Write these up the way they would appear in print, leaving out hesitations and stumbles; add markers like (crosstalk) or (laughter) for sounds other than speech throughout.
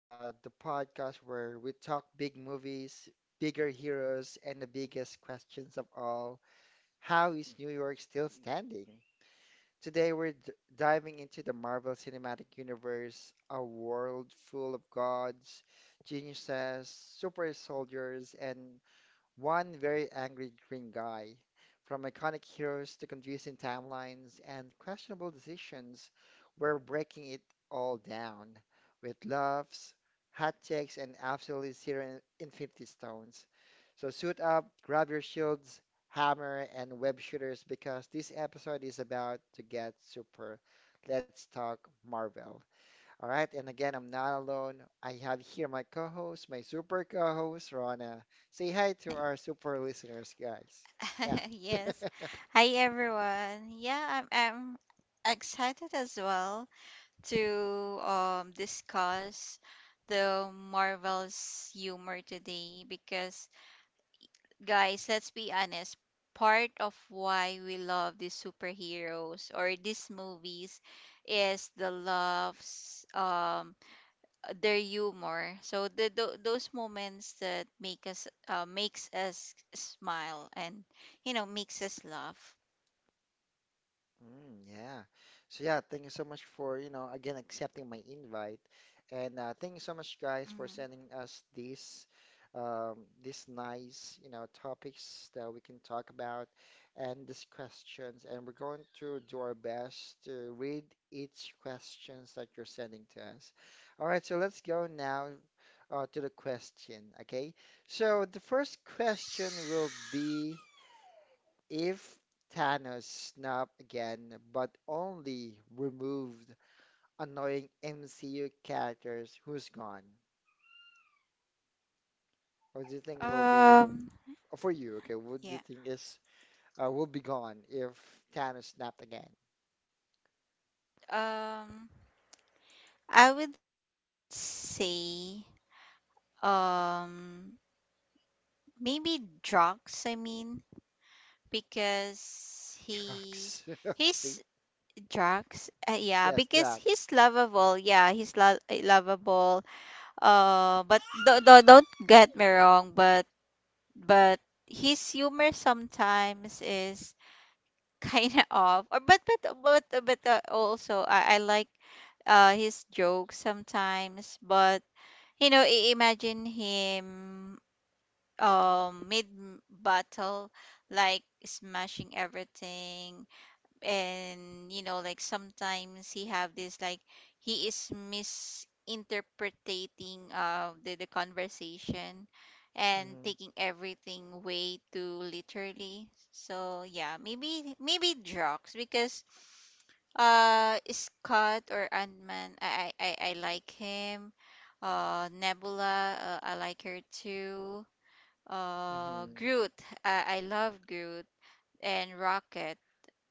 the podcast where we talk big movies, bigger heroes, and the biggest questions of all. How is New York still standing? Today we're d diving into the Marvel Cinematic Universe, a world full of gods, geniuses, super soldiers, and one very angry green guy. From iconic heroes to confusing timelines and questionable decisions, we're breaking it all down with laughs, hot takes, and absolutely zero infinity stones. So suit up, grab your shields, hammer, and web shooters because this episode is about to get super. Let's talk Marvel. All right, and again, I'm not alone. I have here my co-host, my super co-host, Rana. Say hi to our super listeners, guys. Yeah. (laughs) Yes. (laughs) Hi everyone. Yeah, I'm excited as well to discuss the Marvel's humor today because guys, let's be honest, part of why we love these superheroes or these movies is the loves their humor. So those moments that make us, makes us smile and makes us laugh. Mm, yeah. So yeah, thank you so much for, you know, again accepting my invite. And thank you so much guys for Mhm. sending us um these nice, you know, topics that we can talk about and these questions. And we're going to do our best to read each questions that you're sending to us. All right, so let's go now to the question, okay? So the first question will be if Thanos snapped again, but only removed annoying MCU characters, who's gone? What do you think will be rem Um, for you? Okay, what yeah. do you think is will be gone if Thanos snapped again? Um, I would say, um, maybe drugs, I mean, because he Drax. (laughs) his Okay. drugs, yeah, Yes, because Drax. he's lovable. Yeah, he's lo lovable. But do do don't get me wrong, but but his humor sometimes is kind of, or but also, I like his jokes sometimes, but imagine him mid battle, like smashing everything, and like sometimes he have this, like he is misinterpreting the conversation and Hmm taking everything way too literally. So yeah, maybe drugs, because Scott or Ant-Man. I like him. Uh, Nebula, I like her too. Uh, hmm Groot, I love Groot. And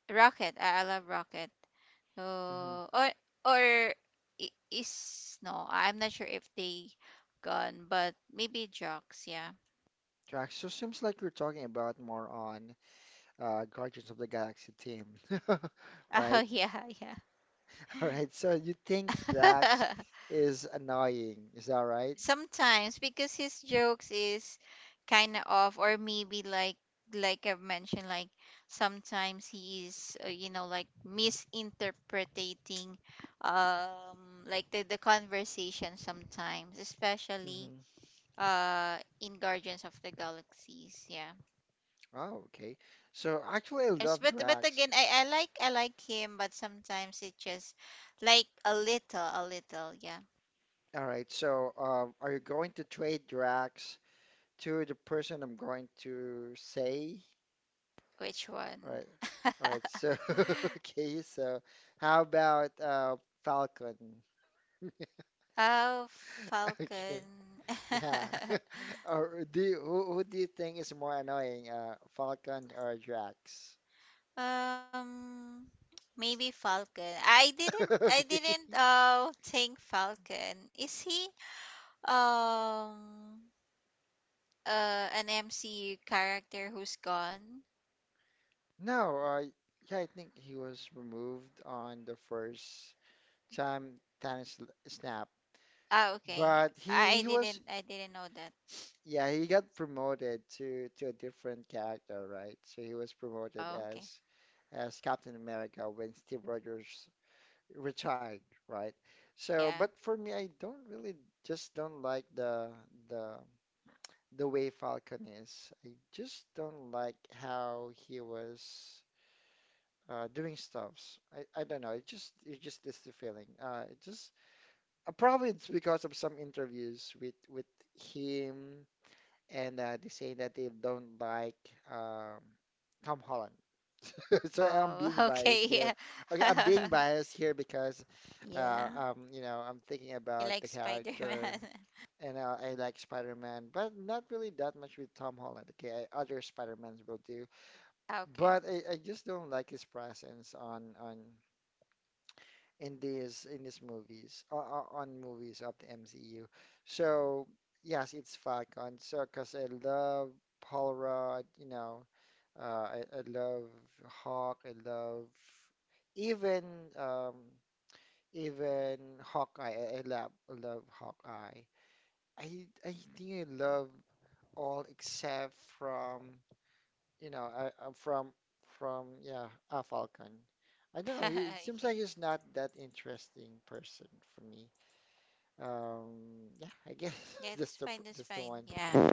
Rocket, I love Rocket. hmm Uh, or or I- is no, I'm not sure if they gone, but maybe Jocks. Yeah. Drax. So seems like you're talking about more on Guardians of the Galaxy team, (laughs) (laughs) Oh right? yeah, yeah. All right, so you think Drax is annoying, is that (laughs) right? Sometimes because his jokes is kind of off, or maybe, like, I've mentioned, like sometimes he is, like misinterpreting, like the conversation sometimes, especially hmm in Guardians of the Galaxies, yeah. Oh, okay. So actually, I Yes. love But Drax. again, I like him, but sometimes it just, like, a little, yeah. All right, so are you going to trade Drax to the person I'm going to say? Which All one? right, (laughs) all right. So (laughs) okay, so how about Falcon? Oh, (laughs) Okay, Falcon. yeah. (laughs) (laughs) Or who do you think is more annoying, Falcon or Drax? Um, Maybe Falcon. I didn't (laughs) I Okay. didn't uh think Falcon. Is he um an MCU character who's gone? No, yeah, I think he was removed on the first time snapped, Ah, okay. but I I he was, didn't I didn't know that. yeah, he got promoted to a different character, right? So he was promoted Oh, okay. as Captain America when Steve Rogers retired, right? So, Yeah. but for me, I don't really just don't like the the way Falcon is. I just don't like how he was doing stuffs. I don't know. It just is the feeling. It just probably it's because of some interviews with him, and they say that they don't like um, Tom Holland. (laughs) So I'm Oh, (laughs) being okay. biased here. Okay, I'm Yeah. being (laughs) biased here because Yeah. You know, I'm thinking You about like the character, Spider-Man. (laughs) and I like Spider-Man, but not really that much with Tom Holland. Okay, other Spider-Mans will do, Ah, okay. but I just don't like his presence on in these movies on movies of the MCU. So yes, it's Falcon. So because I love Paul Rudd, you know, I love Hawk. I love even um, even Hawkeye. I love Hawkeye. I think I love all except from, you know, I from, yeah, a Falcon. I don't know. It seems (laughs) Okay. like he's not that interesting person for me. Yeah, I guess Yeah, (laughs) that's that's the fine. That's that's the fine. one. Yeah.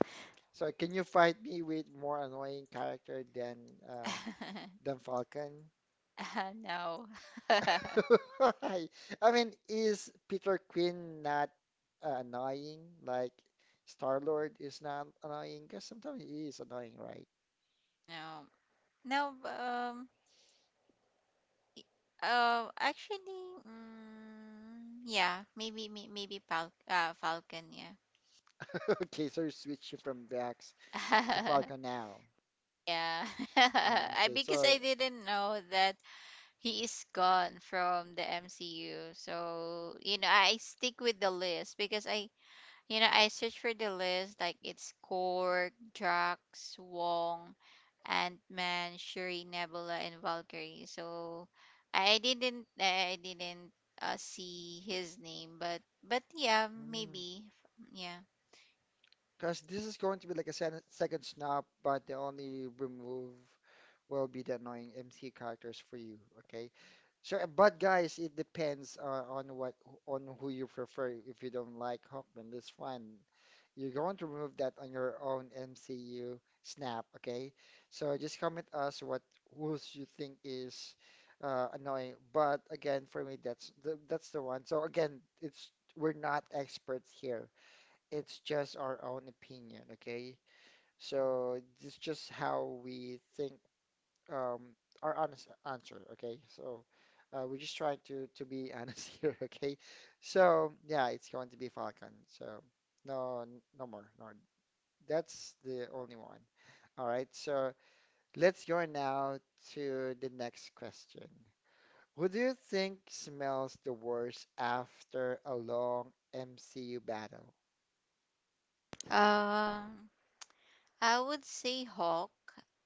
So can you fight me with more annoying character um (laughs) than Falcon? No. (laughs) (laughs) I, I mean, is Peter Quinn not annoying? Like Star Lord is not annoying? Because sometimes he is annoying, right? No, no. Actually, mm, yeah. Maybe. Maybe. Falcon. Yeah. (laughs) Okay, so you're switching from Drax to (laughs) Falcon now. Yeah. (laughs) Mm, I, okay, because so. I didn't know that he is gone from the MCU. So, I stick with the list because I search for the list, like it's Korg, Drax, Wong, Ant-Man, Shuri, Nebula, and Valkyrie. So, I didn't see his name, but, yeah, Hmm. maybe, yeah. Because this is going to be like a second snap, but the only remove will be the annoying MC characters for you. Okay. So, but guys, it depends on what, on who you prefer. If you don't like Hawkman, that's fine. You're going to remove that on your own MCU snap. Okay. So just comment us what who's you think is annoying. But again, for me, that's the one. So again, it's we're not experts here. It's just our own opinion, okay? So it's just how we think, um, our honest answer, okay? So we're just trying to be honest (laughs) here, okay? So yeah, it's going to be Falcon. So no, no more, no. That's the only one. All right. So let's go now to the next question. Who do you think smells the worst after a long MCU battle? (laughs) Um, I would say Hawk,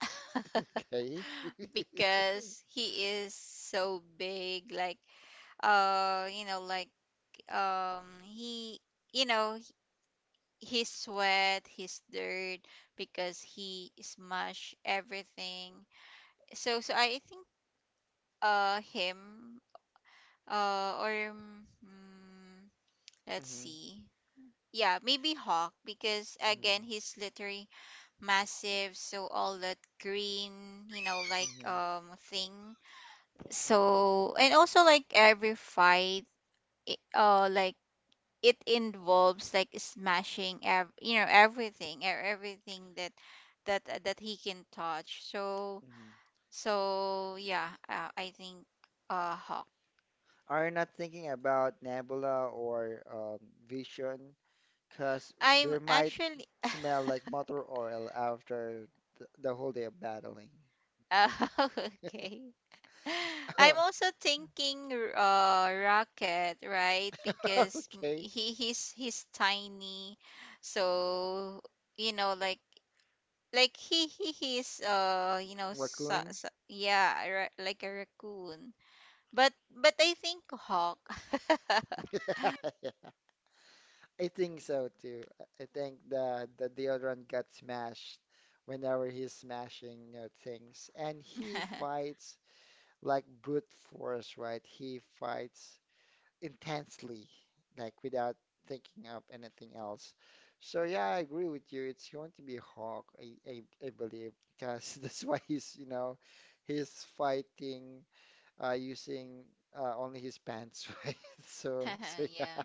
(laughs) Okay. (laughs) because he is so big. Like, like, he, you know h- his sweat, his dirt, because he smashed everything. So, I think, him. Uh, let's Mhm. see. Yeah, maybe Hawk, because again, Mhm, he's literally massive. So all that green, you know like mhm, um thing. So, and also, like every fight, like it involves, like smashing, everything, everything that that he can touch. So, mhm. so yeah, I think, Hawk. Are you not thinking about Nebula or Vision? Because I'm there might actually. (laughs) smell like motor oil after the whole day of battling. uh, okay. I'm (laughs) also thinking, Rocket, right? Because Okay, he's tiny. So, you know like he's, raccoon. Yeah, like a raccoon. But I think Hawk. (laughs) I think so too. I think the deodorant got smashed whenever he's smashing, you know, things. And he (laughs) fights like brute force, right? He fights intensely, like without thinking of anything else. So yeah, I agree with you. It's going to be Hawk, I believe, because (laughs) that's why he's, you know, he's fighting using only his pants, (laughs) right? So so (laughs) yeah, Yeah.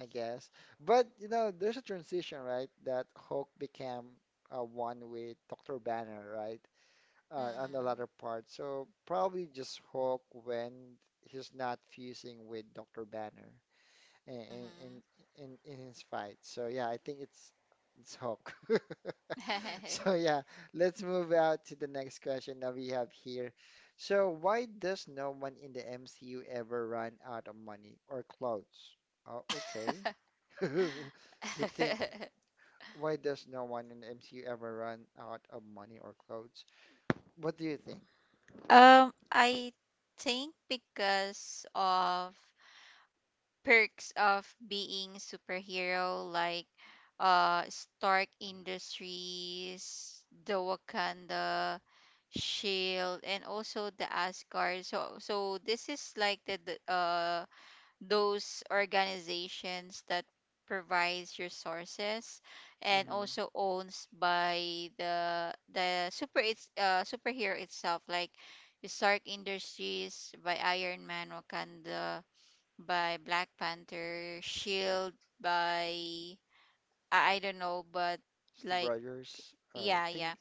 I guess. But you know, there's a transition, right? That Hawk became one with Dr. Banner, right? On the Mm-mm. latter part. So probably just Hawk when he's not fusing with Dr. Banner in in in his fight. So yeah, I think it's Hulk. (laughs) Hmm. (laughs) So yeah, let's move out to the next question that we have here. So why does no one in the MCU ever run out of money or clothes? Oh, okay. (laughs) To think, why does no one in the MCU ever run out of money or clothes? What do you think? I think because of perks of being superhero, like Stark Industries, the Wakanda Shield, and also the Asgard. So, this is like the those organizations that provides resources and Mm-hmm. also owns by the superhero itself, like Stark Industries by Iron Man, Wakanda by Black Panther, Shield by, I don't know, but Steve like. Rogers, I Yeah, yeah. think.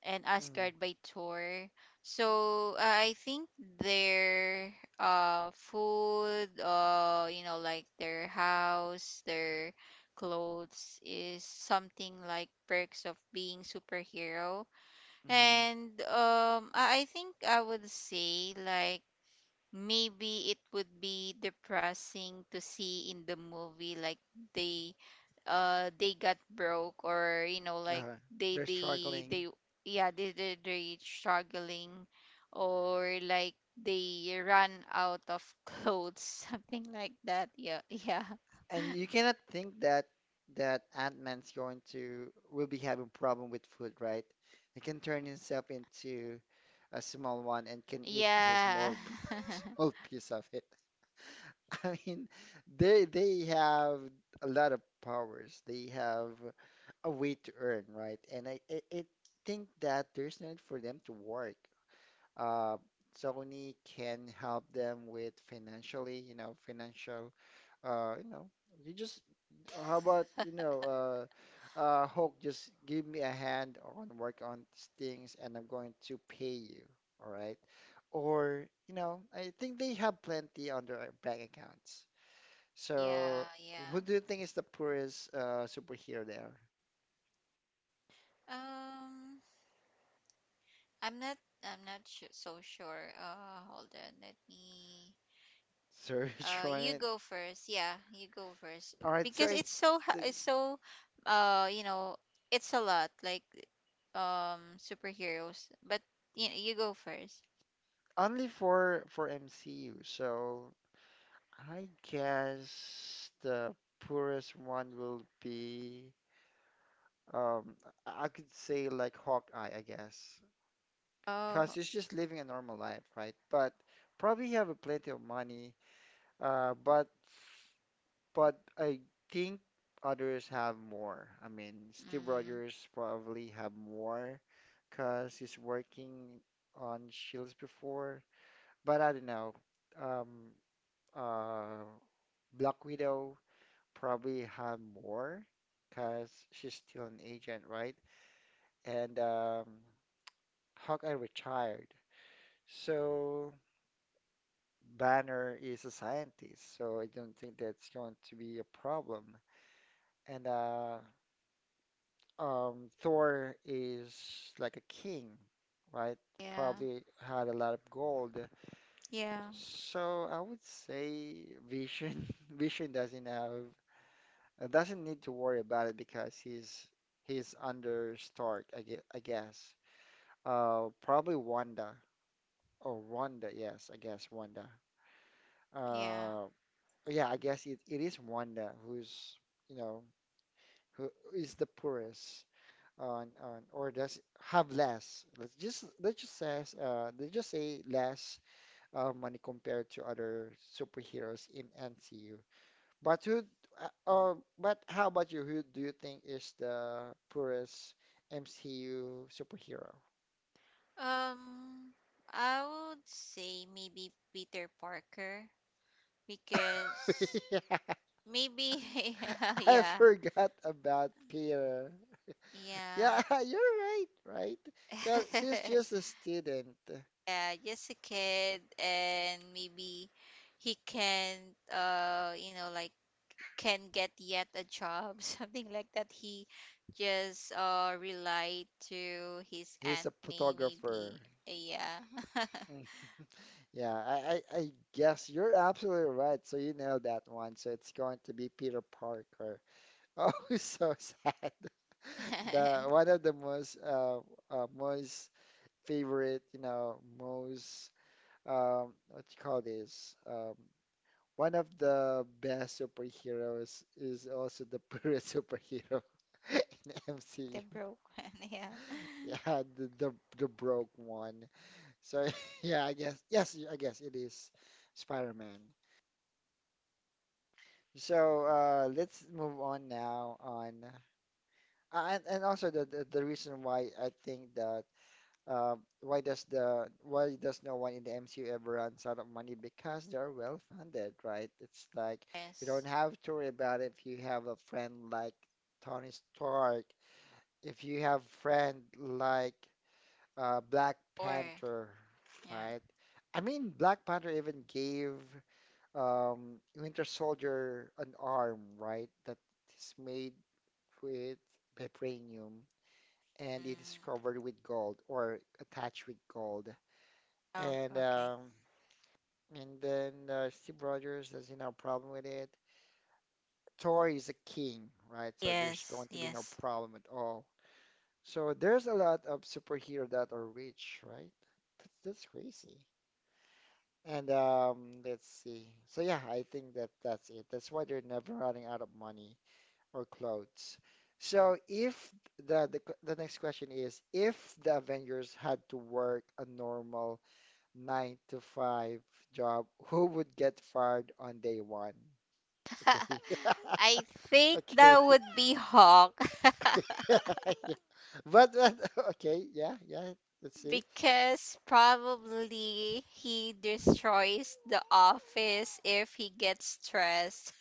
And Mm-hmm. Asgard by Thor. So, I think their, food, like their house, their clothes, is something like perks of being superhero. Mm-hmm. And I think I would say, like, maybe it would be depressing to see in the movie, like they, they got broke, or like Uh, they, they're struggling. yeah, they they struggling, or like they run out of clothes. (laughs) Something like that, yeah, yeah. And you cannot think that Ant-Man's going to will be having problem with food, right? He can turn himself into a small one and can eat just a Yeah. small (laughs) (laughs) small piece of it. (laughs) I mean, they have a lot of powers. They have a way to earn, right? And I think that there's no need for them to work. Uh, Sony can help them with financially, you know, financial, you know, you just how about, you know, Hulk, just give me a hand on work on these things, and I'm going to pay you. All right, or you know, I think they have plenty on their bank accounts. So, Yeah, yeah. who do you think is the poorest superhero there? Um, I'm not, so sure. Uh, hold on, let me. Search (laughs) You on it. go first. Yeah, you go first All right, because so it's I so ha- it's think so you know it's a lot, like, superheroes. But you go first. only for MCU. So I guess the poorest one will be. Um, I could say like Hawkeye, I guess, because Oh, he's just living a normal life, right? But probably have a plenty of money. Uh, but but I think others have more. I mean, Steve mm, Rogers probably have more because he's working on Shields before. But I don't know. Um, uh, Black Widow probably have more because she's still an agent, right? And Hawkeye retired. So Banner is a scientist, so I don't think that's going to be a problem. And Thor is like a king, right? yeah, Probably had a lot of gold. yeah, So I would say Vision, (laughs) Vision doesn't have, doesn't need to worry about it because he's under Stark, I guess. I guess. Probably Wanda. Oh, Wanda, yes, I guess Wanda. yeah. Uh, But yeah, I guess it is Wanda who's, you know, who is the poorest on, or does have less. Let's just say less money compared to other superheroes in MCU. But who uh, uh but how about you? Who do you think is the poorest MCU superhero? (laughs) Um, I would say maybe Peter Parker, because Yeah, maybe. (laughs) I Yeah, forgot about Peter. Yeah, yeah. (laughs) you're right, right? Because he's just (laughs) a student. Yeah, just a kid, and maybe he can, like, can get yet a job, (laughs) something like that. He just, relied to his He's a aunt May, photographer. maybe. Yeah. (laughs) Mm. (laughs) Yeah, I guess you're absolutely right. So you know that one. So it's going to be Peter Parker. (laughs) Oh, so sad. (laughs) The one of the most most favorite, you know, most what you call this? Um, one of the best superheroes is also the (laughs) purest superhero (laughs) in The MCU. broke one. (laughs) Yeah. Yeah, the broke one. So (laughs) yeah, I guess yes, I guess it is Spider-Man. So let's move on now on, and also the reason why I think that, why does no one in the MCU ever runs out of money, because they're well funded, right? It's like you don't Yes. have to worry about it if you have a friend like Tony Stark, if you have friend like Black Or, Panther, yeah. right? I mean, Black Panther even gave Winter Soldier an arm, right? That is made with vibranium, and it is Mm. covered with gold or attached with gold. Oh, And okay. um, and then Steve Rogers has no problem with it. Thor is a king, right? So there's going Yes. to be no Yes. problem at all. So there's a lot of superhero that are rich, right? That's crazy. And Let's see. So yeah, I think that that's it. That's why they're never running out of money or clothes. So if the next question is if the Avengers had to work a normal nine to five job, who would get fired on day one? Okay. (laughs) (laughs) I think Okay. that would be Hawk. (laughs) (laughs) Yeah. But (laughs) okay, yeah, yeah. Let's see. Because probably he destroys the office if he gets stressed.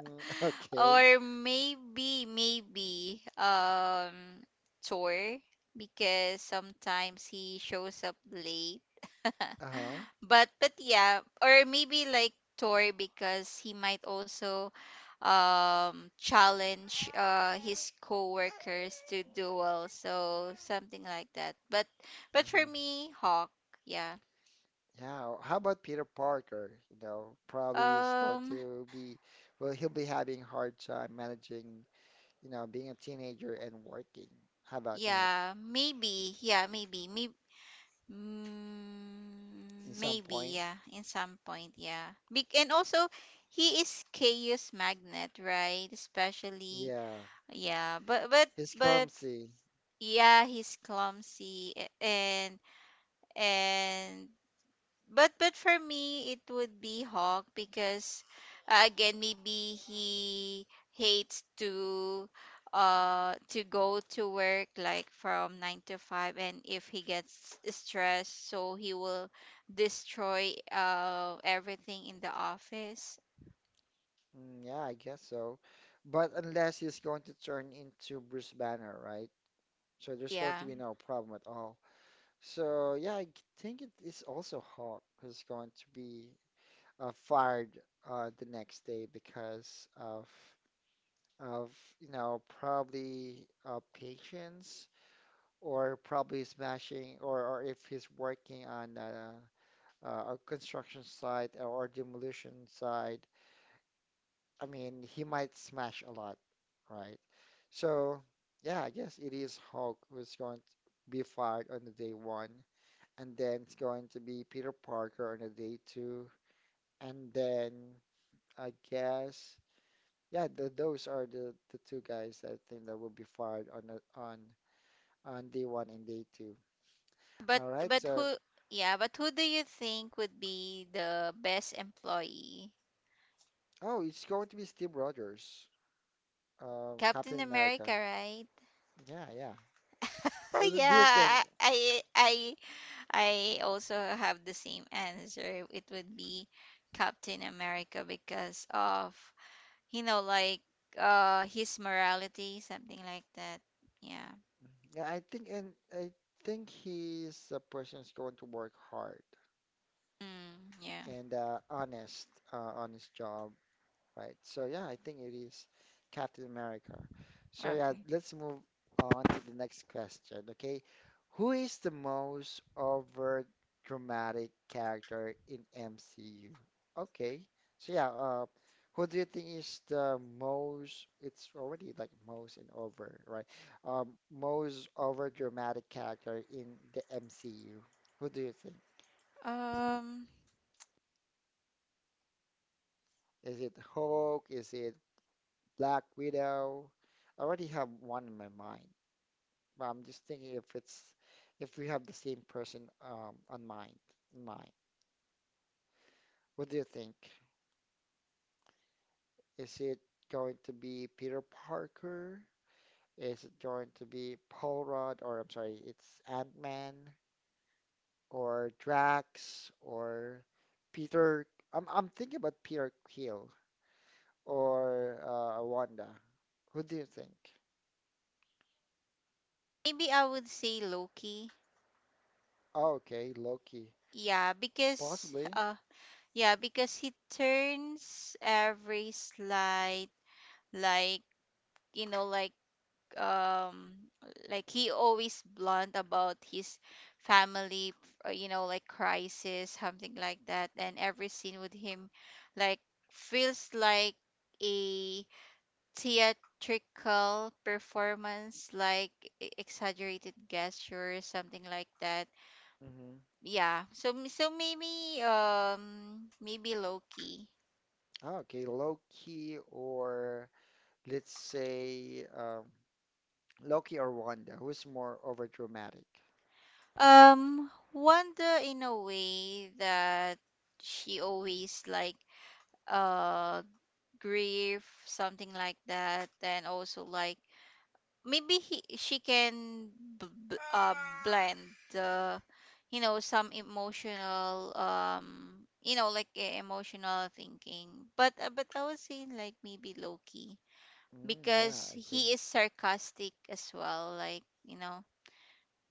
Mm, (laughs) okay. Or maybe, tour. Because sometimes he shows up late. (laughs) Uh-huh. But yeah, or maybe like Tor, because he might also, challenge, his coworkers to duel, so something like that. But for Mm-hmm. me, Hawk, yeah. Yeah, how about Peter Parker? Probably is going Um, to be, well, he'll be having hard time managing, being a teenager and working. How about that? Yeah, maybe, maybe, mm, In some maybe, point, yeah, in some point, yeah. And also, he is Chaos Magnet, right? Especially, yeah, yeah. But, he's but clumsy. yeah, he's clumsy, a- and but for me it would be Hawk, because again, maybe he hates to go to work like from 9 to 5, and if he gets stressed, so he will destroy, everything in the office. Mm, yeah, I guess so. But unless he's going to turn into Bruce Banner, right? So there's going to Yeah, be no problem at all. So yeah, I think it is also Hawk who's going to be fired the next day because of, probably patience or probably smashing or if he's working on a construction site or demolition site, I mean, he might smash a lot, right? So, yeah, I guess it is Hulk who's going to be fired on the day one, and then it's going to be Peter Parker on the day two, and then I guess. Yeah, th those are the two guys that I think that will be fired on the, on day one and day two. but All right. but So, who yeah but who do you think would be the best employee? oh, it's going to be Steve Rogers, Captain Captain America, America. right? (laughs) Yeah, yeah. Do you think? Yeah, I also have the same answer. It would be Captain America because of, you know like his morality, something like that. Yeah. Yeah, I think he's a person who's going to work hard Mm, yeah. and honest job. Right? So yeah, I think it is Captain America. So yeah, Okay. let's move on to the next question, okay? Who is the most over dramatic character in MCU? Okay. So yeah, who do you think is the most, it's already like most and over, right? Most over dramatic character in the MCU. Who do you think? Um, Is it Hulk? Is it Black Widow? I already have one in my mind. But I'm just thinking if it's if we have the same person on mind in mind. What do you think? Is it going to be Peter Parker? Is it going to be Paul Rudd? Or I'm sorry, it's Ant-Man or Drax or Peter? I'm thinking about Peter Quill or Wanda. Who do you think? maybe I would say Loki. Oh, okay, Loki, Yeah, because possibly. uh yeah, because he turns every slight, like, like, um like he always blunt about his family, you know, like, crisis, something like that, and every scene with him, like, feels like a theatrical performance, like exaggerated gestures, something like that. Mm-hmm. Yeah, so maybe Loki. Oh, okay, Loki, or let's say Loki or Wanda, who's more overdramatic? Um, Wanda, in a way that she always, like, uh grief, something like that, and also, like, maybe he she can b- b- uh blend the, some emotional, emotional thinking. But I was saying, like, maybe Loki, Mm, yeah, because I agree. he is sarcastic as well, like,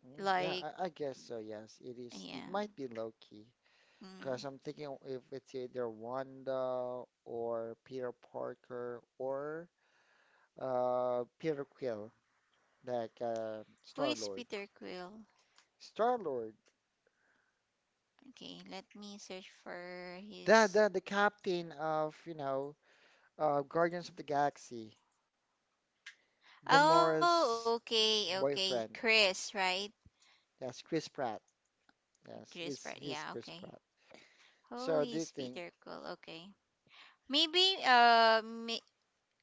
Mm, yeah, like I guess so. Yes, it is. It yeah. might be Loki, because Mm. I'm thinking if it's either Wanda or Peter Parker or Peter Quill, like Who Star is Lord. Peter Quill? Star Lord, Okay, let me search for the the his. the captain of Guardians of the Galaxy, Oh, Gamora's okay, okay. boyfriend. Chris, right? Yes, Chris Pratt. Yes, Chris he's Pratt. he's Yeah, Chris okay. Pratt. Oh, So do you he's think? Peter Quill. Okay. Maybe uh may,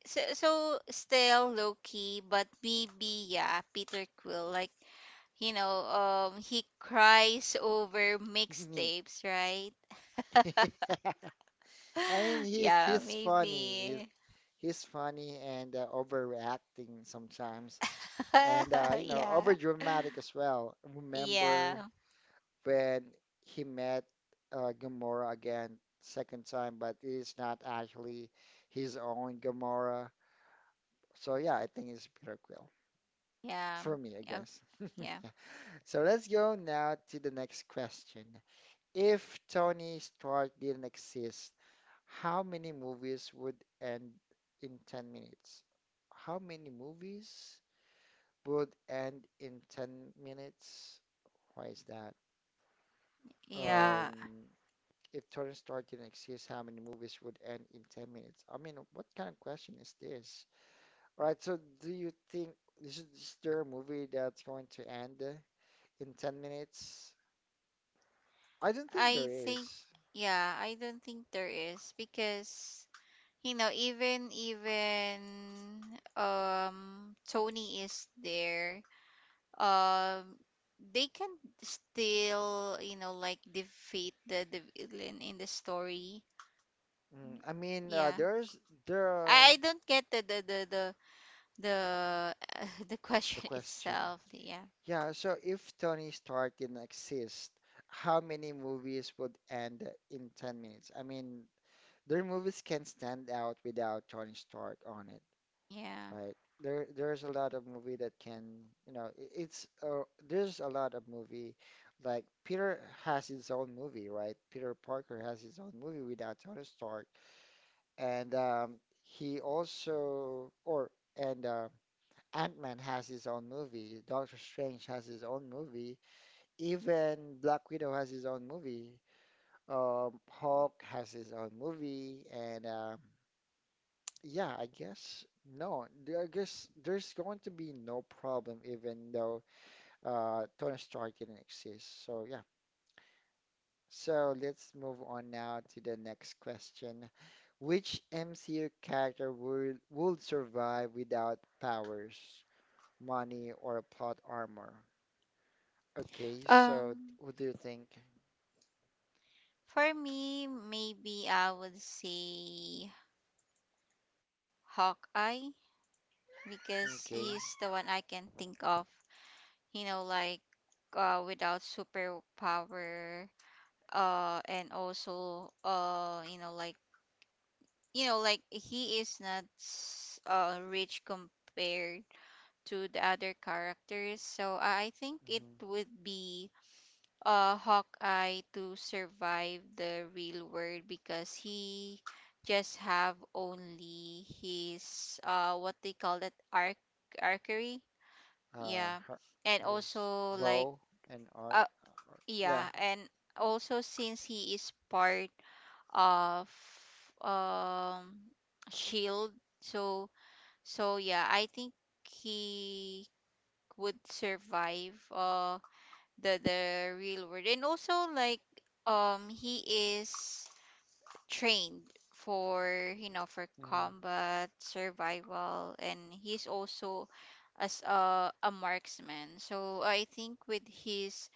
so, still low key, but maybe, yeah, Peter Quill, like, you know, he cries over Me. mixtapes, right? (laughs) I mean, (laughs) he's Yeah, he's funny. He's maybe. he's funny and overreacting sometimes, and (laughs) Yeah. overdramatic as well. Remember Yeah. when he met Gamora again, second time, but it is not actually his own Gamora. So yeah, I think it's Peter Quill Yeah. for me, I Yeah. guess. Yeah. (laughs) So let's go now to the next question. If Tony Stark didn't exist, how many movies would end in 10 minutes? How many movies would end in 10 minutes? Why is that? Yeah. Um, if Tony Stark didn't exist, how many movies would end in 10 minutes? I mean, what kind of question is this? All right, so do you think is there a movie that's going to end in 10 minutes? I don't think I there think, is. yeah, I don't think there is, because. You know, even um Tony is there, um they can still, you know, like defeat the villain in the story. I mean, Yeah. There I, are I don't get the (laughs) the the question question. itself. Yeah. Yeah, so if Tony Stark didn't exist, how many movies would end in 10 minutes? I mean, their movies can stand out without Tony Stark on it, Yeah. right? There's a lot of movie that can, you know, I- it's there's a lot of movie like Peter has his own movie, right? Peter Parker has his own movie without Tony Stark, and he also or and Ant-Man has his own movie. Doctor Strange has his own movie. Even Black Widow has his own movie. Hulk has his own movie, and yeah, I guess no, I guess there's going to be no problem, even though Tony Stark didn't exist. So yeah. So let's move on now to the next question. Which MCU character would survive without powers, money, or plot armor? Okay, so Um, what do you think? for me maybe I would say Hawkeye, because he's the Okay. one I can think of. You know, like, without superpower, and also, like he is not rich compared to the other characters, so, I think it Mm-hmm. would be, Hawkeye, to survive the real world, because he just have only his, what they call that, archery. Yeah, her and his also like, bow and arc. uh, yeah, Yeah. and also since he is part of, um Shield. So, yeah, I think he would survive, the real world. And also, like, he is trained for, you know, for Mm, combat, survival, and he's also as a marksman. So I think with his,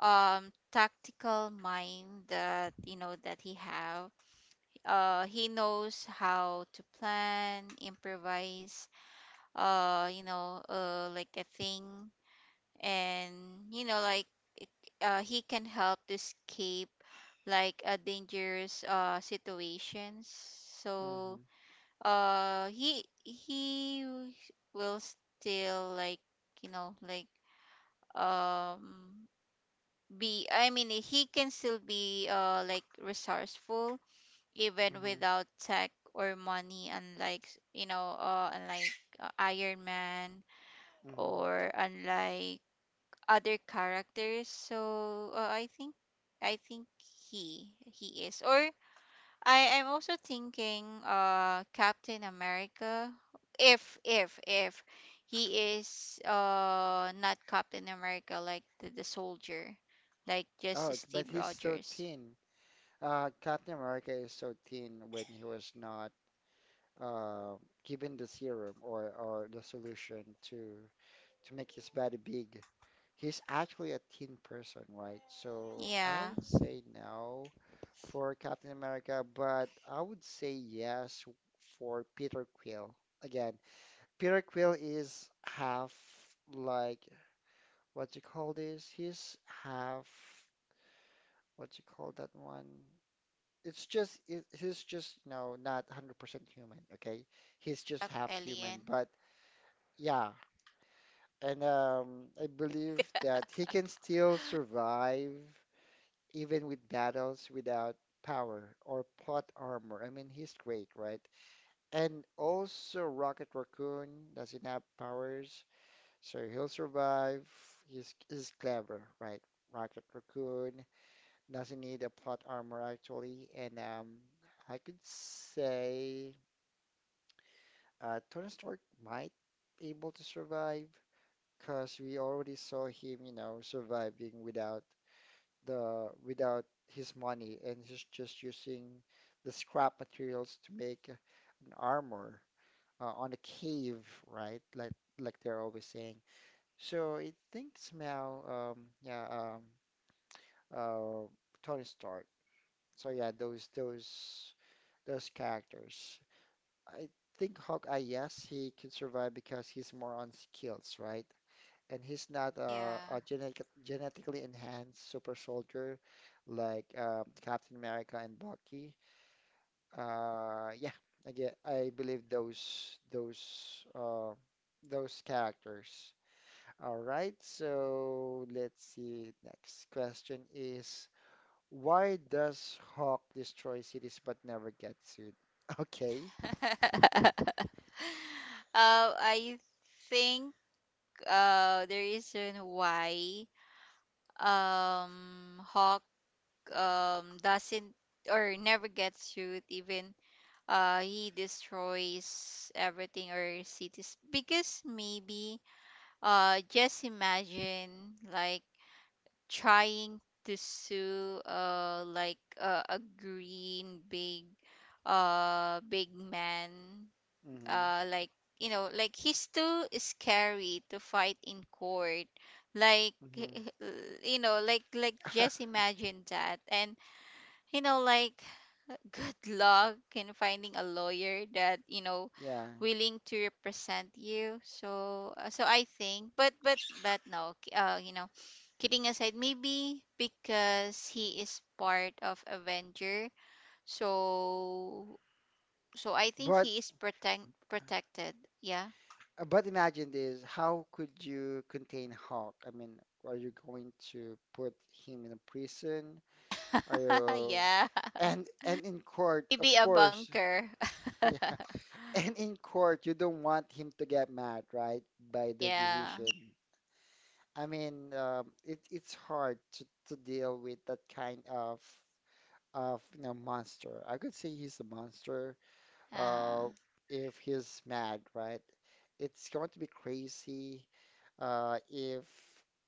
tactical mind that, you know, that he have, he knows how to plan, improvise, like a thing. And, you know, like, it- he can help to escape, like, a dangerous, situations, mm-hmm. so. Uh, he will still, like, you know, like, um be, I mean, he can still be, like, resourceful, even Mm-hmm. without tech or money, unlike, you know, unlike, Iron Man, Mm-hmm. or unlike other characters. So, I think he he is, or I am also thinking, Captain America, if he is, not Captain America, like the soldier, like just Oh, but Steve he's so Rogers. thin. Captain America is so thin when he was not uh given the serum or the solution to make his body big. He's actually a thin person, right? So I Yeah, would say no for Captain America, but I would say yes for Peter Quill. Again, Peter Quill is half, like what you call this? He's half, what you call that one? He's just no, not 100% human, okay? He's of just half human, Alien. but yeah, and I believe that he can still survive even with battles without power or plot armor. I mean, he's great, right? And also Rocket Raccoon doesn't have powers, so he'll survive. He's clever, right? Rocket Raccoon doesn't need a plot armor actually, and I could say Tony Stark might be able to survive because we already saw him, surviving without the without his money, and he's just using the scrap materials to make an armor on a cave, right? Like they're always saying. So I think somehow, um, yeah, uh, Tony Stark. So yeah, those characters. I think Hawkeye, yes, he can survive because he's more on skills, right? And he's not Yeah. a genetically enhanced super soldier like Captain America and Bucky. Yeah, I believe those characters. All right, so let's see. Next question is why does Hawk destroy cities but never get sued? (laughs) Okay. (laughs) I think the reason why Hawk doesn't or never gets sued even he destroys everything or cities because maybe just imagine like trying to sue like a green big big man Mm-hmm. Like like he's too scary to fight in court like. (laughs) Mm-hmm. Like just imagine that. And like good luck in finding a lawyer that (laughs) Yeah. willing to represent you. So so I think, but no kidding aside, maybe because he is part of Avenger, so so I think But he is protected, yeah. but imagine this, how could you contain Hawk? I mean, are you going to put him in a prison? Are (laughs) you Yeah. And in court, (laughs) of Maybe a course, bunker. (laughs) yeah. And in court, you don't want him to get mad, right, by (laughs) the Yeah. decision. I mean, it's hard to deal with that kind of monster. I could say he's a monster. Uh, uh. if he's mad, right? It's going to be crazy. Uh, if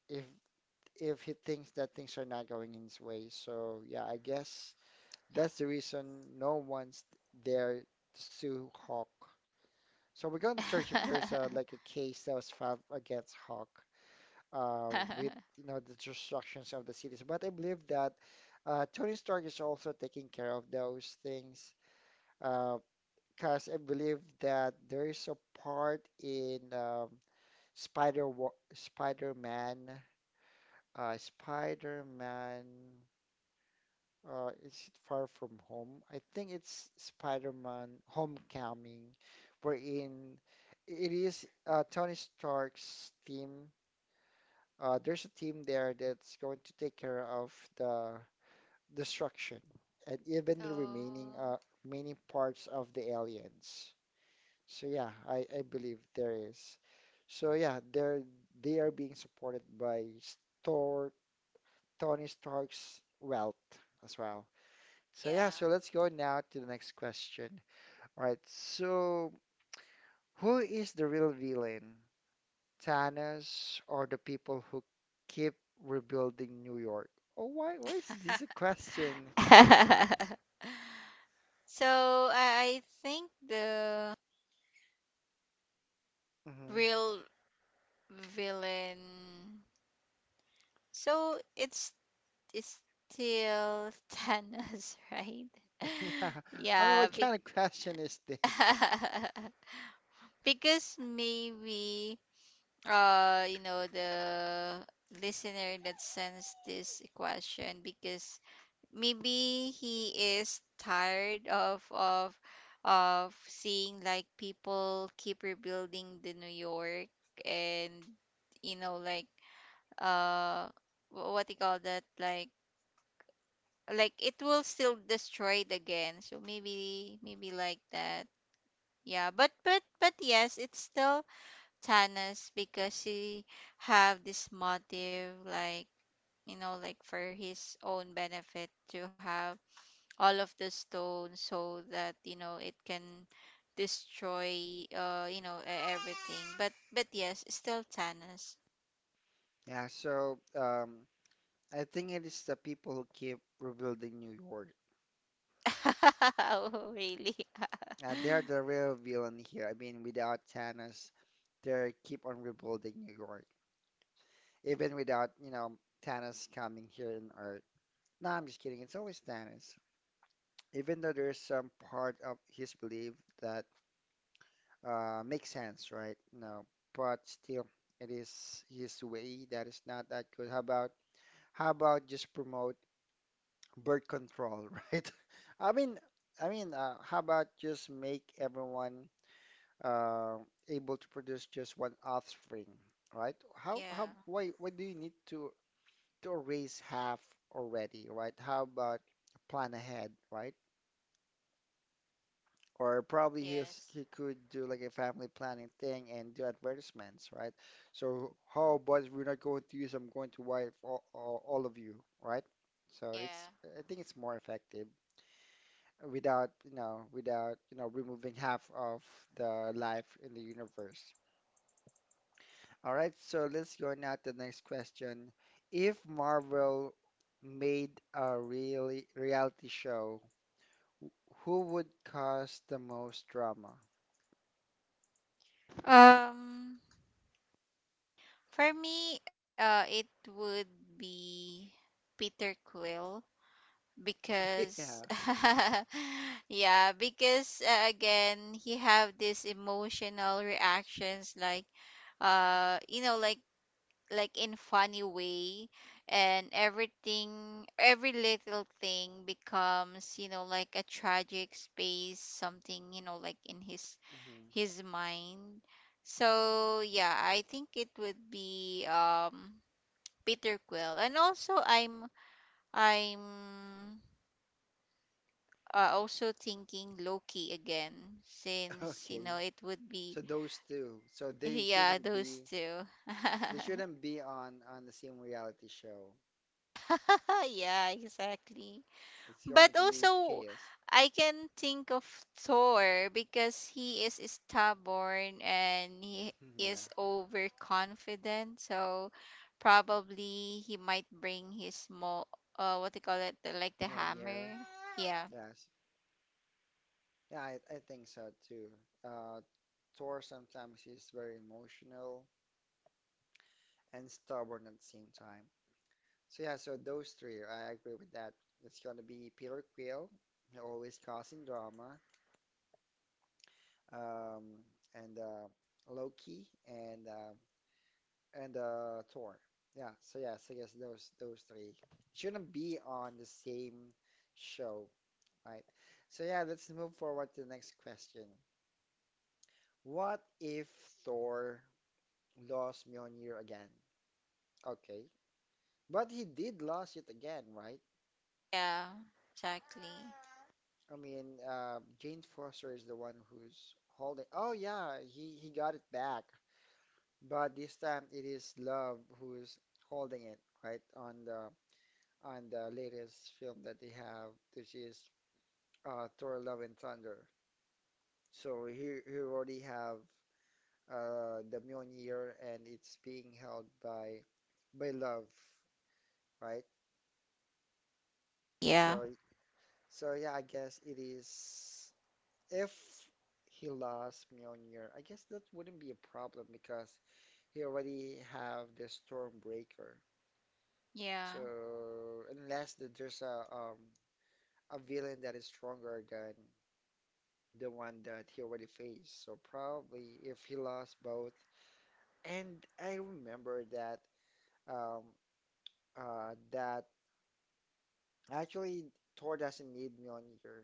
if if he thinks that things are not going his way. So yeah, I guess that's the reason no one's there to sue Hawk. So we're going to search if there's a, (laughs) like a case that was filed against Hawk with the destructions of the cities. But I believe that Tony Stark is also taking care of those things, uh, because I believe that there is a part in Spider Spider-Man Spider-Man. Is it Far From Home? I think it's Spider-Man Homecoming, wherein it is Tony Stark's team, there's a team there that's going to take care of the destruction and even So, the remaining parts of the aliens. So yeah, I believe there is. So yeah, they are being supported by Stor Tony Stark's wealth as well. So yeah, yeah. so let's go now to the next question. All right, so who is the real villain? Thanos or the people who keep rebuilding New York? Oh, why is this a (laughs) question? (laughs) So I think the Hmm. real villain. So it's still Thanos, (laughs) right? (laughs) Yeah, (laughs) I mean, Yeah, what be- kind of question is this? (laughs) because maybe the listener that sends this question, because maybe he is tired of of seeing like people keep rebuilding the New York. And like uh what do you call that, like it will still destroyed again, so maybe maybe like that. Yeah, but yes, it's still Tanas, because he have this motive like, like for his own benefit to have all of the stone, so that it can destroy everything. But yes, still Thanos. Yeah, so I think it is the people who keep rebuilding New York. (laughs) Oh really. They're the (laughs) real villain here. I mean, without Thanos, they keep on rebuilding New York, even without, Thanos coming here in Earth. No, I'm just kidding. It's always Thanos. Even though there's some part of his belief that, makes sense, right? No, but still, it is his way that is not that good. How about just promote birth control, (laughs) right? I mean, I mean, how about just make everyone uh, able to produce just one offspring, right? How Yeah. Why do you need to raise half already, right? How about plan ahead, right? Or probably Yes. he could do like a family planning thing and do advertisements, right? So how about we're not going to use, I'm going to wipe all of you, right? So Yeah. it's, I think it's more effective without, you know, without, you know, removing half of the life in the universe. All right, so let's go now to the next question. If Marvel made a really reality show, who would cause the most drama? um for me it would be Peter Quill (laughs) because Yeah. (laughs) yeah, because again he have these emotional reactions like uh you know like like in funny way, and everything, every little thing becomes like a tragic space something, like in Mhm. his mind. So yeah, I think it would be Peter Quill. And also I'm also thinking Loki again, since you know Okay. it would be. So those two. So (laughs) they Yeah, shouldn't those be two. (laughs) they shouldn't be on the same reality show. (laughs) Yeah, exactly. It's But going to be also, chaos. I can think of Thor because he is stubborn and he (laughs) Yeah. is overconfident. So probably he might bring his mo what do you call it, the like the Mjolnir. hammer. Yeah. Yes. Yeah, I think so too. Uh Thor sometimes is very emotional and stubborn at the same time. So yeah, so those three, I agree with that. It's gonna be Peter Quill, always causing drama, um, and Loki, and Thor. Yeah, so yeah, so, yes, I guess those three shouldn't be on the same show, right? So yeah, let's move forward to the next question. What if Thor lost Mjolnir again? Okay, but he did lost it again, right? Yeah. Exactly. I mean, Jane Foster is the one who's holding. Oh yeah, he got it back, but this time it is Love who's holding it, right? On the latest film that they have, which is Thor: Love and Thunder. So here we already have the Mjolnir, and it's being held by love, right? Yeah. So, so, yeah, I guess it is. If he lost Mjolnir, I guess that wouldn't be a problem because he already have the Stormbreaker. Yeah. So unless that there's a villain that is stronger than the one that he already faced, so probably if he lost both. And I remember um that actually Thor doesn't need Mjolnir.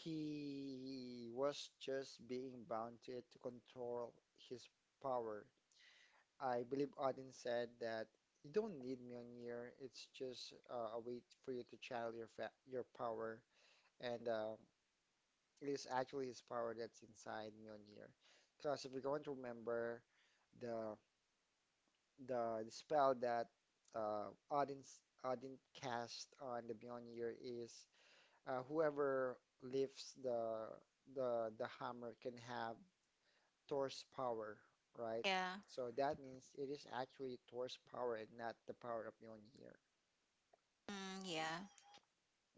He was just being bound to it to control his power. I believe Odin said that you don't need Mjolnir. It's just a way for you to channel your fa your power, and it is actually his power that's inside Mjolnir. Because if you're going to remember the the spell that uh, Odin Odin cast on the Mjolnir is whoever lifts the hammer can have Thor's power, right? Yeah. So that means it is actually Thor's power and not the power of Mjolnir. Mm, yeah.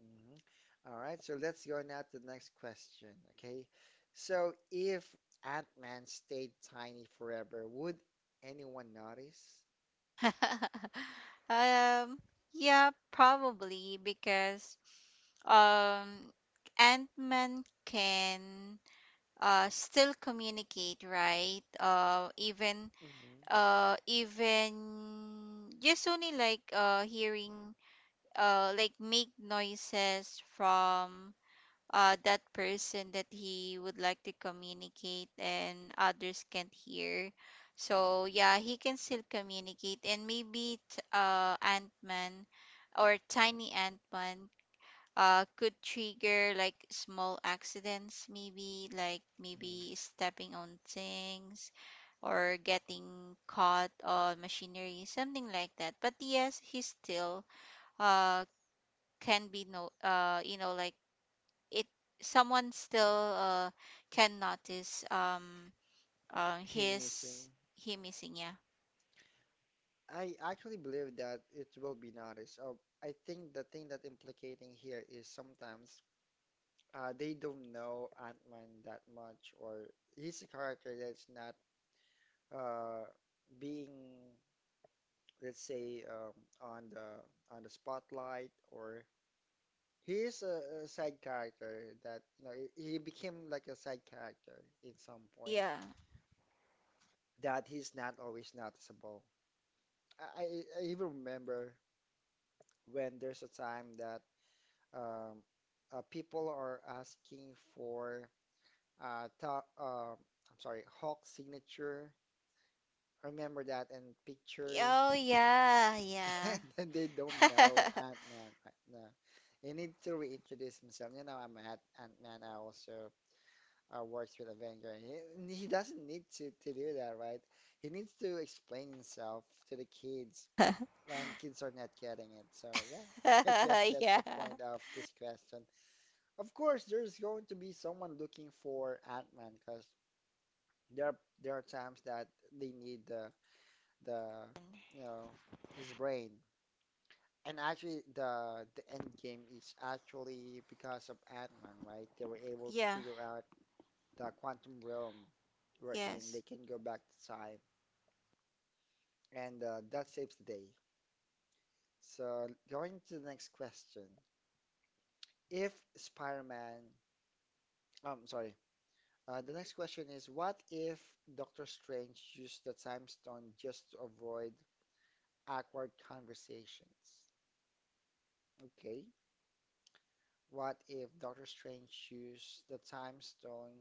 Mhm. All right, so let's go now to the next question. Okay, so if Ant-Man stayed tiny forever, would anyone notice? (laughs) um yeah, probably because um Ant-Man can still communicate, right? Even Hmm. Even just only like hearing like make noises from that person that he would like to communicate, and others can't hear. So yeah, he can still communicate. And maybe Ant-Man, or tiny Ant-Man, could trigger like small accidents, maybe like Hmm. maybe stepping on things, or getting caught on machinery, something like that. But yes, he still uh can be no like it, someone still can notice Him his, missing? he missing, yeah. I actually believe that it will be noticed. I think the thing that implicating here is sometimes they don't know Ant-Man that much, or he's a character that's not uh, being, let's say, on the spotlight, or he is a side character that he became like a side character in some point Yeah. that he's not always noticeable. I, I I even remember when there's a time that, um, people are asking for top, I'm sorry, Hawk signature. Remember that and picture, Oh yeah, (laughs) yeah. and then they don't know (laughs) Ant-Man right now. You need to reintroduce himself. You know, I'm at Ant-Man. I also works with Avenger. And he doesn't need to do that, right? He needs to explain himself to the kids, and kids are not getting it. So yeah, (laughs) I guess Yeah. that's Yeah. the point of this question. Of course, there's going to be someone looking for Ant-Man because there are, there are times that they need the you know his brain. And actually, the end game is actually because of Ant-Man, right? They were able to Yeah. figure out the quantum realm wherein Yes. they can go back to time, and that saves the day. So going to the next question, if Spider-Man, I'm sorry, the next question is, what if Doctor Strange used the time stone just to avoid awkward conversations? Okay. What if Doctor Strange used the time stone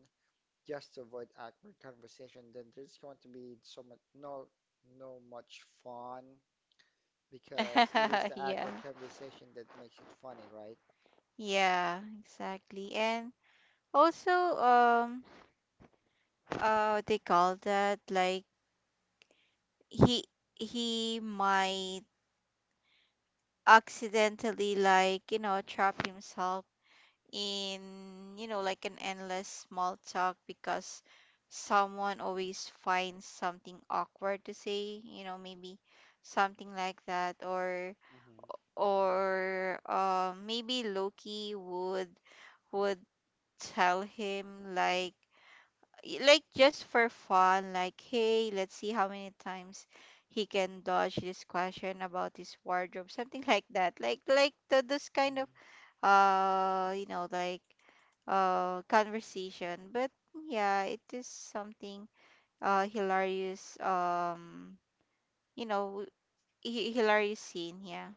just to avoid awkward conversation? Then there's going to be so much no no much fun (laughs) because it is the Yeah. awkward conversation that makes it funny, right? Yeah, exactly. And also um they call that like, he he might accidentally, like, you know, trap himself in, you know, like an endless small talk, because someone always finds something awkward to say, you know, maybe something like that. or Mm-hmm. or maybe Loki would tell him like, like just for fun like, hey let's see how many times he can dodge this question about his wardrobe something, (laughs) like that, like the, this kind of Mm-hmm. Like conversation. But yeah, it is something hilarious, you know hilarious scene, yeah.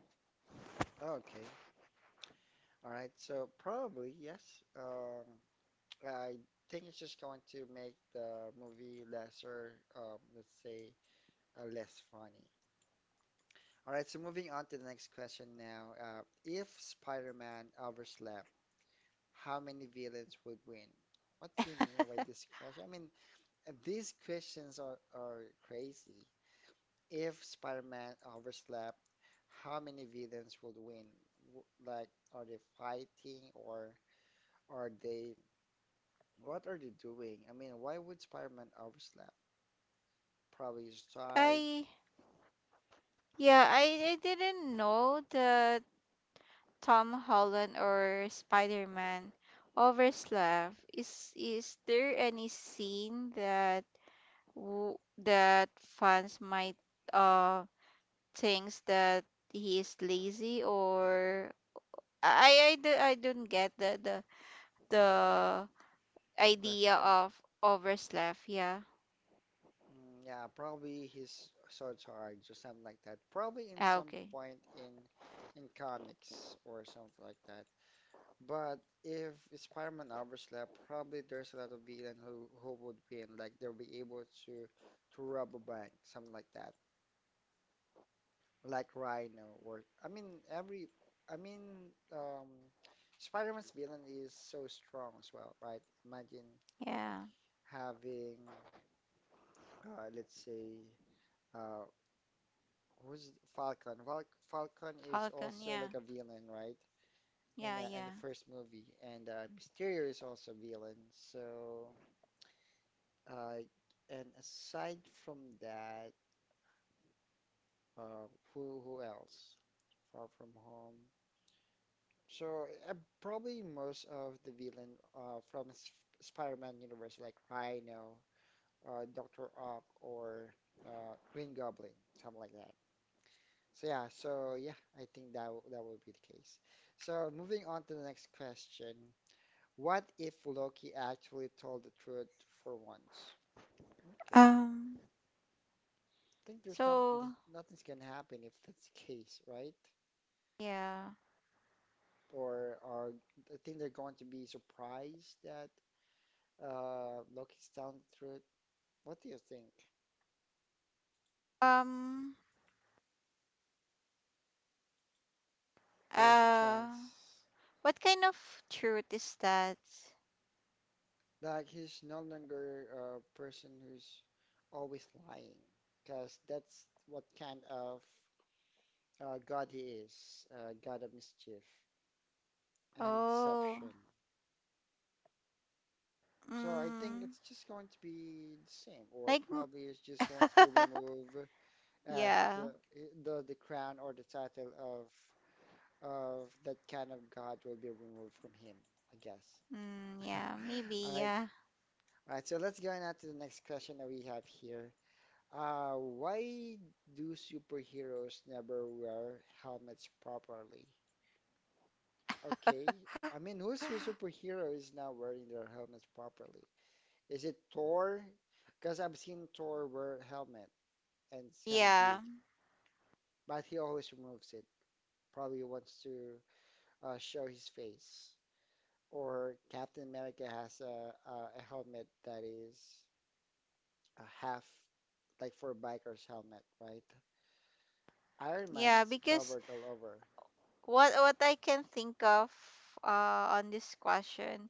Okay. All right. So probably yes. Um, I think it's just going to make the movie lesser, let's say, less funny. All right, so moving on to the next question now. If Spider-Man overslept, how many villains would win? What do you mean by this question? I mean, these questions are crazy. If Spider-Man overslept, how many villains would win? Like, are they fighting or are they, what are they doing? I mean, why would Spider-Man overslept? Probably is tired I, yeah, I didn't know that Tom Holland or Spider-Man overslept. Is there any scene that w- that fans might uh thinks that he is lazy, or I don't get the idea question. of overslept. Yeah. Mm, yeah, probably he's so tired or something like that. Probably in Ah, some okay. point in comics or something like that. But if Spider-Man overslept, probably there's a lot of villain who would win. Like they'll be able to rob a bank, something like that. Like Rhino or I mean Spider-Man's villain is so strong as well, right? Imagine Yeah. having let's say. Uh, Who's Falcon? Val Falcon is Falcon. also Yeah. like a villain, right? Yeah. In Yeah. the first movie, and Mysterio is also villain. So, uh, and aside from that, uh, who else? Far From Home. So probably most of the villain from Sp Spider-Man universe, like Rhino, Doctor Ock, or Green Goblin, something like that. So yeah, so yeah, I think that would be the case. So moving on to the next question. What if Loki actually told the truth for once? Okay. I Um. think there's not, So there's, nothing's gonna happen if that's the case, right? yeah. Or I think they're going to be surprised that Loki's telling the truth. What do you think? Um. There's a Uh. chance. What kind of truth is that? Like he's no longer a person who's always lying, because that's what kind of God he is, God of mischief and Oh, deception. So I think mm, it's just going to be the same, or like, probably it's just going to be (laughs) removed as yeah, the crown or the title of that kind of God will be removed from him, I guess. mm, (laughs) yeah, maybe, All right, yeah. all right. So let's go now to the next question that we have here. Why do superheroes never wear helmets properly? Okay. I mean, who (gasps) superhero is not wearing their helmets properly? Is it Thor? Because I've seen Thor wear a helmet and it's kind of Yeah, big, but he always removes it. Probably wants to show his face. Or Captain America has a helmet that is a half, like for a biker's helmet, right? Iron Man yeah. is Because covered all over. What I can think of on this question,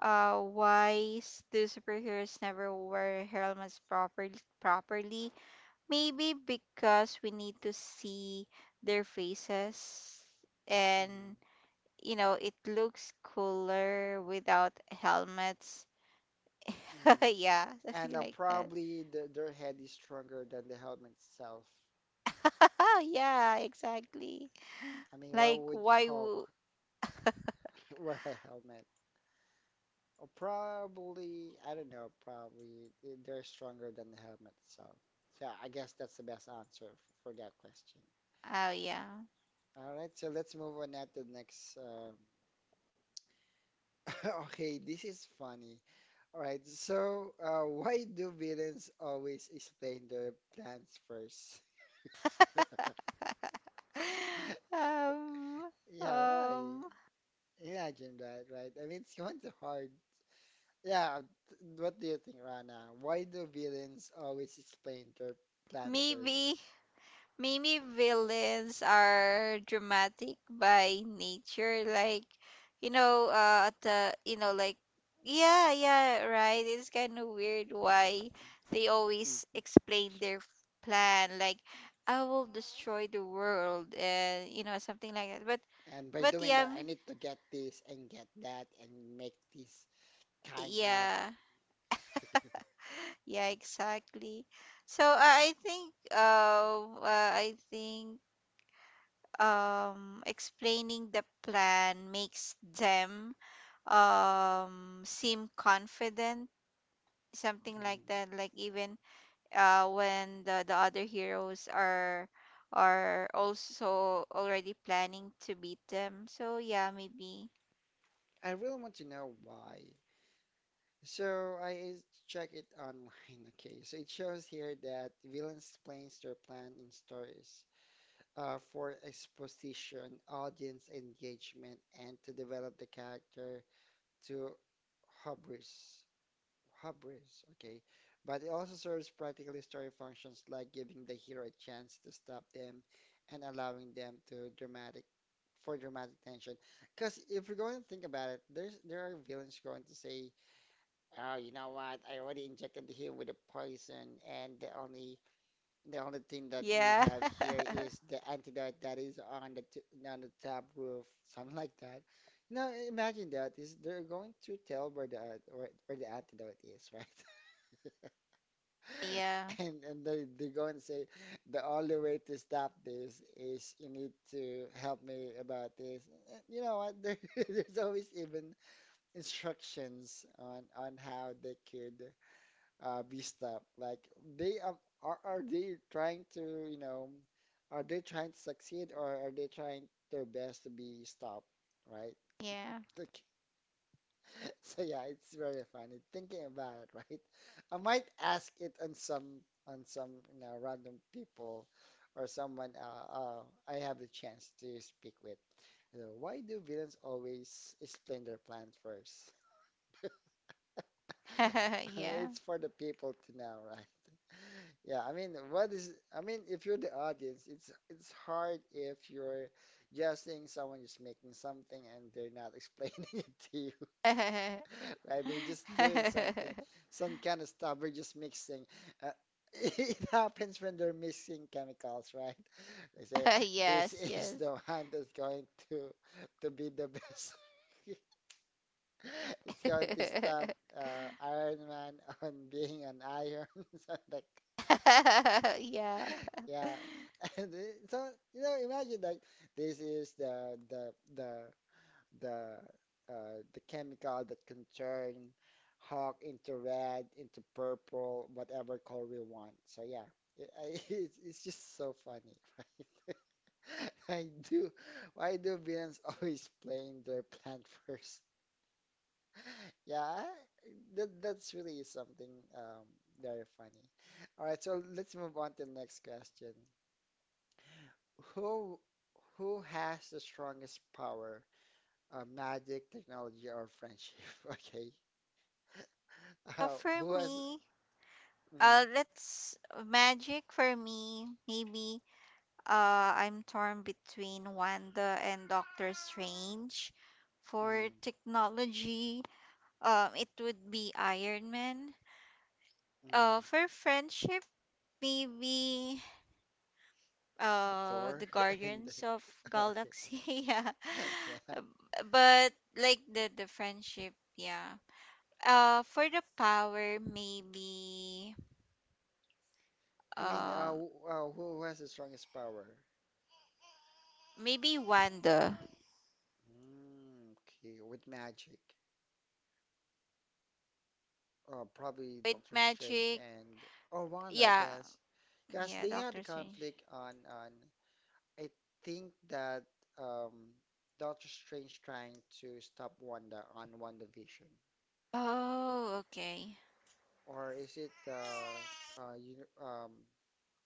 why do superheroes never wear helmets properly? Properly, maybe because we need to see their faces, Hmm. and you know, it looks cooler without helmets. (laughs) Hmm. Yeah, And something like that. probably their head is stronger than the helmet itself. (laughs) Yeah, exactly. I mean, why Like, would why would? Hulk (laughs) wear a helmet? Or probably, I don't know, probably they're stronger than the helmet itself. Yeah, I guess that's the best answer for that question. Oh, yeah. All right, so let's move on now to the next. (laughs) Okay, this is funny. All right, so why do villains always explain their plans first? (laughs) (laughs) um, Yeah, why? um, Imagine that, right? I mean, it's kind of hard. Yeah, what do you think, Rana? Why do villains always explain their plan first? maybe. Maybe villains are dramatic by nature, like you know, at the you know, like yeah, yeah, right. It's kind of weird why they always Mhm. explain their plan, like I will destroy the world, and you know, something like that. But And by but doing yeah, that, I m- need to get this and get that and make this kind of. yeah, yeah, exactly. So I think explaining the plan makes them seem confident, something like Mm. that, like even when the other heroes are also already planning to beat them. So yeah, maybe I really want to know why. So I check it online. (laughs) Okay, so it shows here that villains explains their plan in stories for exposition, audience engagement, and to develop the character to hubris. Hubris, okay. But it also serves practical story functions like giving the hero a chance to stop them and allowing them to dramatic for dramatic tension. Because if you're going to think about it, there are villains going to say, "Oh, you know what? I already injected him with a poison, and the only thing that we yeah. have here is the antidote that is on the t on the top roof, (laughs) something like that." Now imagine that is they're going to tell where the, or where the antidote is, (laughs) right? (laughs) Yeah. And they go and say, the only way to stop this is you need to help me about this. You know what? (laughs) There's always even instructions on how they could be stopped. Like they are they trying to, are they trying to succeed or are they trying their best to be stopped, right? Yeah. Like, (laughs) so yeah, it's very funny thinking about it, right? I might ask it on some random people or someone I have the chance to speak with. You know, why do villains always explain their plan first? (laughs) (laughs) I mean, Yeah. it's for the people to know, (laughs) right? Yeah, I mean, what is I mean, if you're the audience, it's hard if you're just seeing someone just making something and they're not (laughs) explaining it to you. (laughs) Right? They're just doing something, (laughs) some kind of stuff. We're just mixing. Uh, (laughs) it happens when they're mixing chemicals, right? They say this Yes, (laughs) is yes. the one that's going to be the best. (laughs) It's going to stop (laughs) Iron Man (laughs) on being an iron. (laughs) So like, (laughs) Yeah. yeah, (laughs) and it- so you know, imagine like this is the the chemical that can turn Hawk into red, into purple, whatever color we want. So yeah, (laughs) it's just so funny, right? (laughs) I do. Why do villains (laughs) always playing their plan (laughs) first? Yeah, that's really something um, very funny. All right, so let's move on to the next question. Who who has the strongest power? Magic, technology, or friendship? (laughs) Okay. For Who has me, mm, let's magic for me. Maybe I'm torn between Wanda and Doctor Strange. For mm, technology, it would be Iron Man. mm, For friendship, maybe the Thor (laughs) and Guardians of okay, Galaxy. (laughs) Yeah, (laughs) yeah. but like the friendship, yeah. For the power, maybe I mean, um, who has the strongest power? maybe Wanda. Mm, okay, with magic, probably With Doctor Strange magic, and or Wanda, I yeah, guess, because yeah, they had a Doctor Strange. conflict on. I think that um, Doctor Strange trying to stop Wanda on WandaVision, Oh, okay. or is it you, um,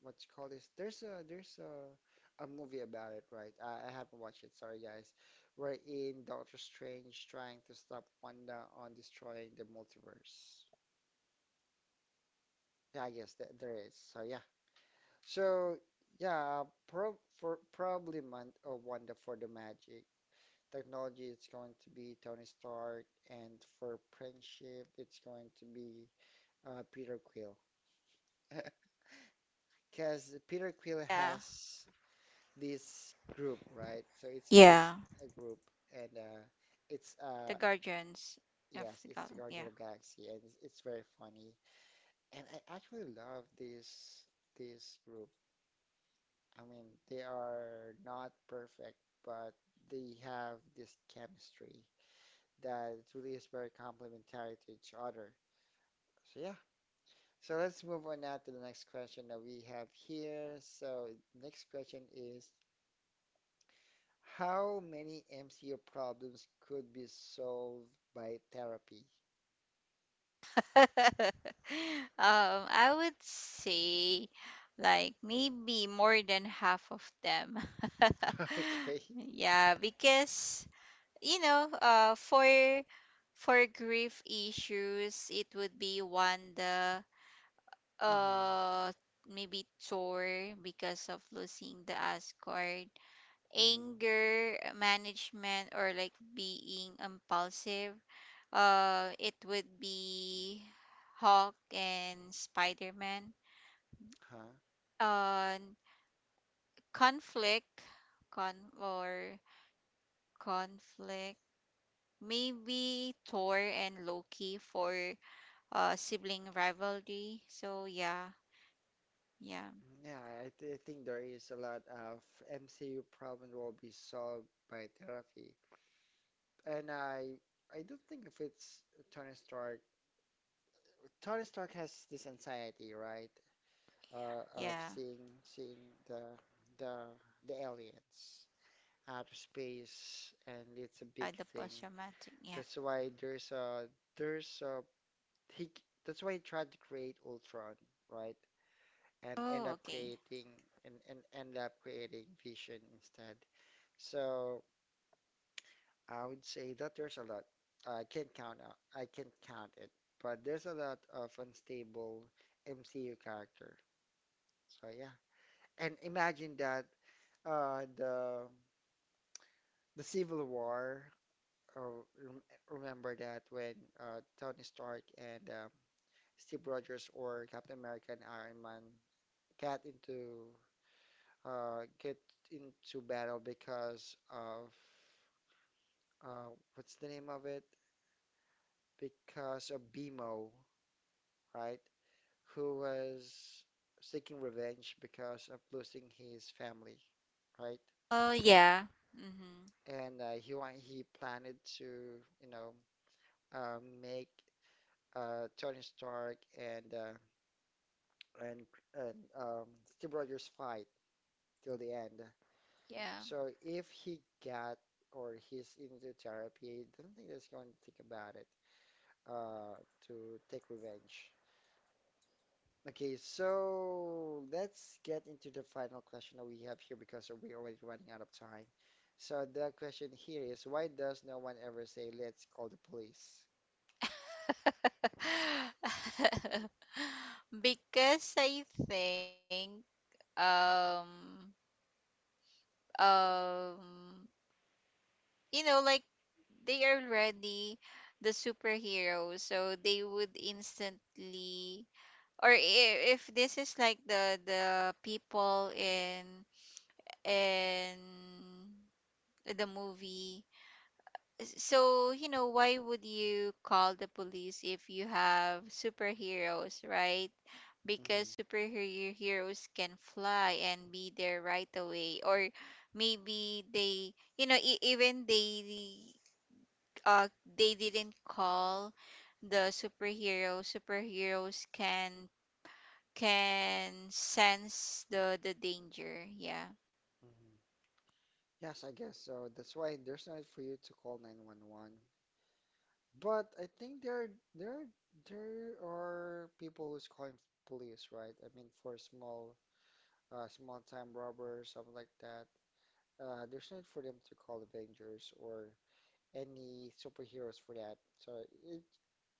what you call this? There's a movie about it, right? I haven't watched it. Sorry, guys. Wherein Doctor Strange trying to stop Wanda on destroying the multiverse. Yeah, I guess that there is. So yeah. So yeah, probably Man or Wanda for the magic. Technology, it's going to be Tony Stark, and for friendship, it's going to be Peter Quill. (laughs) Because Peter Quill Yeah, has this group, right? So it's always yeah, a group, and it's the Guardians of yes, the it's the Galaxy. Yeah. Guardian of Galaxy, and it's very funny. And I actually love this group. I mean, they are not perfect, but they have this chemistry that really is very complementary to each other. So yeah. So let's move on now to the next question that we have here. So next question is, how many MCU problems could be solved by therapy? (laughs) I would say like maybe more than half of them. (laughs) (laughs) Okay. Yeah, because you know, for grief issues, it would be Wanda. Mm-hmm. uh Maybe chore because of losing the Asgard, Mm-hmm. anger management, or like being impulsive. It would be Hulk and Spider-Man. Huh. Uh conflict con or Conflict, maybe Thor and Loki for sibling rivalry. So yeah, yeah, Yeah, I think there is a lot of MCU problem will be solved by therapy. And I don't think if it's Tony Stark. Tony Stark has this anxiety, right? Of yeah. seeing the the aliens out of space, and it's a big The thing. post-traumatic, yeah. That's why there's a he. C- that's why he tried to create Ultron, right? And Oh, okay. End up creating Vision instead. So I would say that there's a lot. I can't count out. I can't count it, but there's a lot of unstable MCU character. So yeah, and imagine that uh the the Civil War. Uh, rem Remember that when Tony Stark and Steve Rogers, or Captain America and Iron Man, got into get into battle because of uh what's the name of it? Because of Bimo, right? Who was seeking revenge because of losing his family, right? Oh, yeah. Mm-hmm. And he planned to, you know, make Tony Stark and and and um, Steve Rogers fight till the end. Yeah. So if he got or he's into therapy, I don't think that's going to think about it uh, to take revenge. Okay, so let's get into the final question that we have here because we're already running out of time. So the question here is, why does no one ever say, let's call the police? (laughs) Because I think um um like they are already the superheroes, so they would instantly, or if this is like the people in the movie. So, you know, why would you call the police if you have superheroes, right? Because Hmm. superhero heroes can fly and be there right away. Or maybe they, you know, even uh, they didn't call the superhero. Superheroes can sense the danger. Yeah. Hmm. Yes, I guess so. That's why there's no need for you to call 911. But I think there there are people who's calling police, right? I mean, for small time robbers, something like that. There's no need for them to call Avengers or any superheroes for that. So it,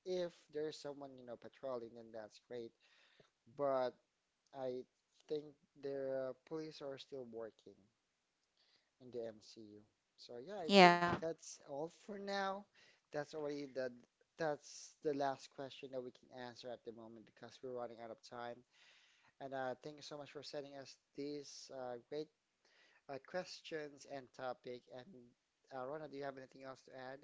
if there's someone, you know, patrolling, then that's great. But I think the police are still working in the MCU. So yeah, I think Yeah. that's all for now. That's already the that's the last question that we can answer at the moment because we're running out of time. And thank you so much for sending us these great questions and topic. And Rona, do you have anything else to add?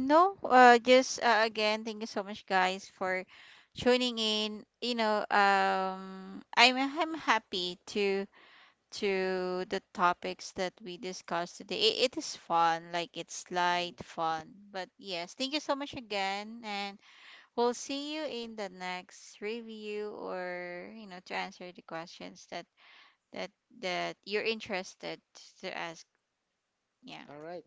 No, just again, thank you so much, guys, for tuning in. You know, I'm happy to the topics that we discussed today. It is fun, like it's Mhm. light fun. But yes, thank you so much again. And we'll see you in the next review, or you know, to answer the questions that that that you're interested to ask. Yeah. All right.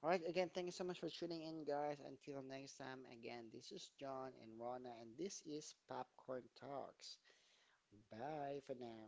All right. Again, thank you so much for tuning in, guys. Until next time, again, this is John and Rona, and this is Popcorn Talks. Bye for now.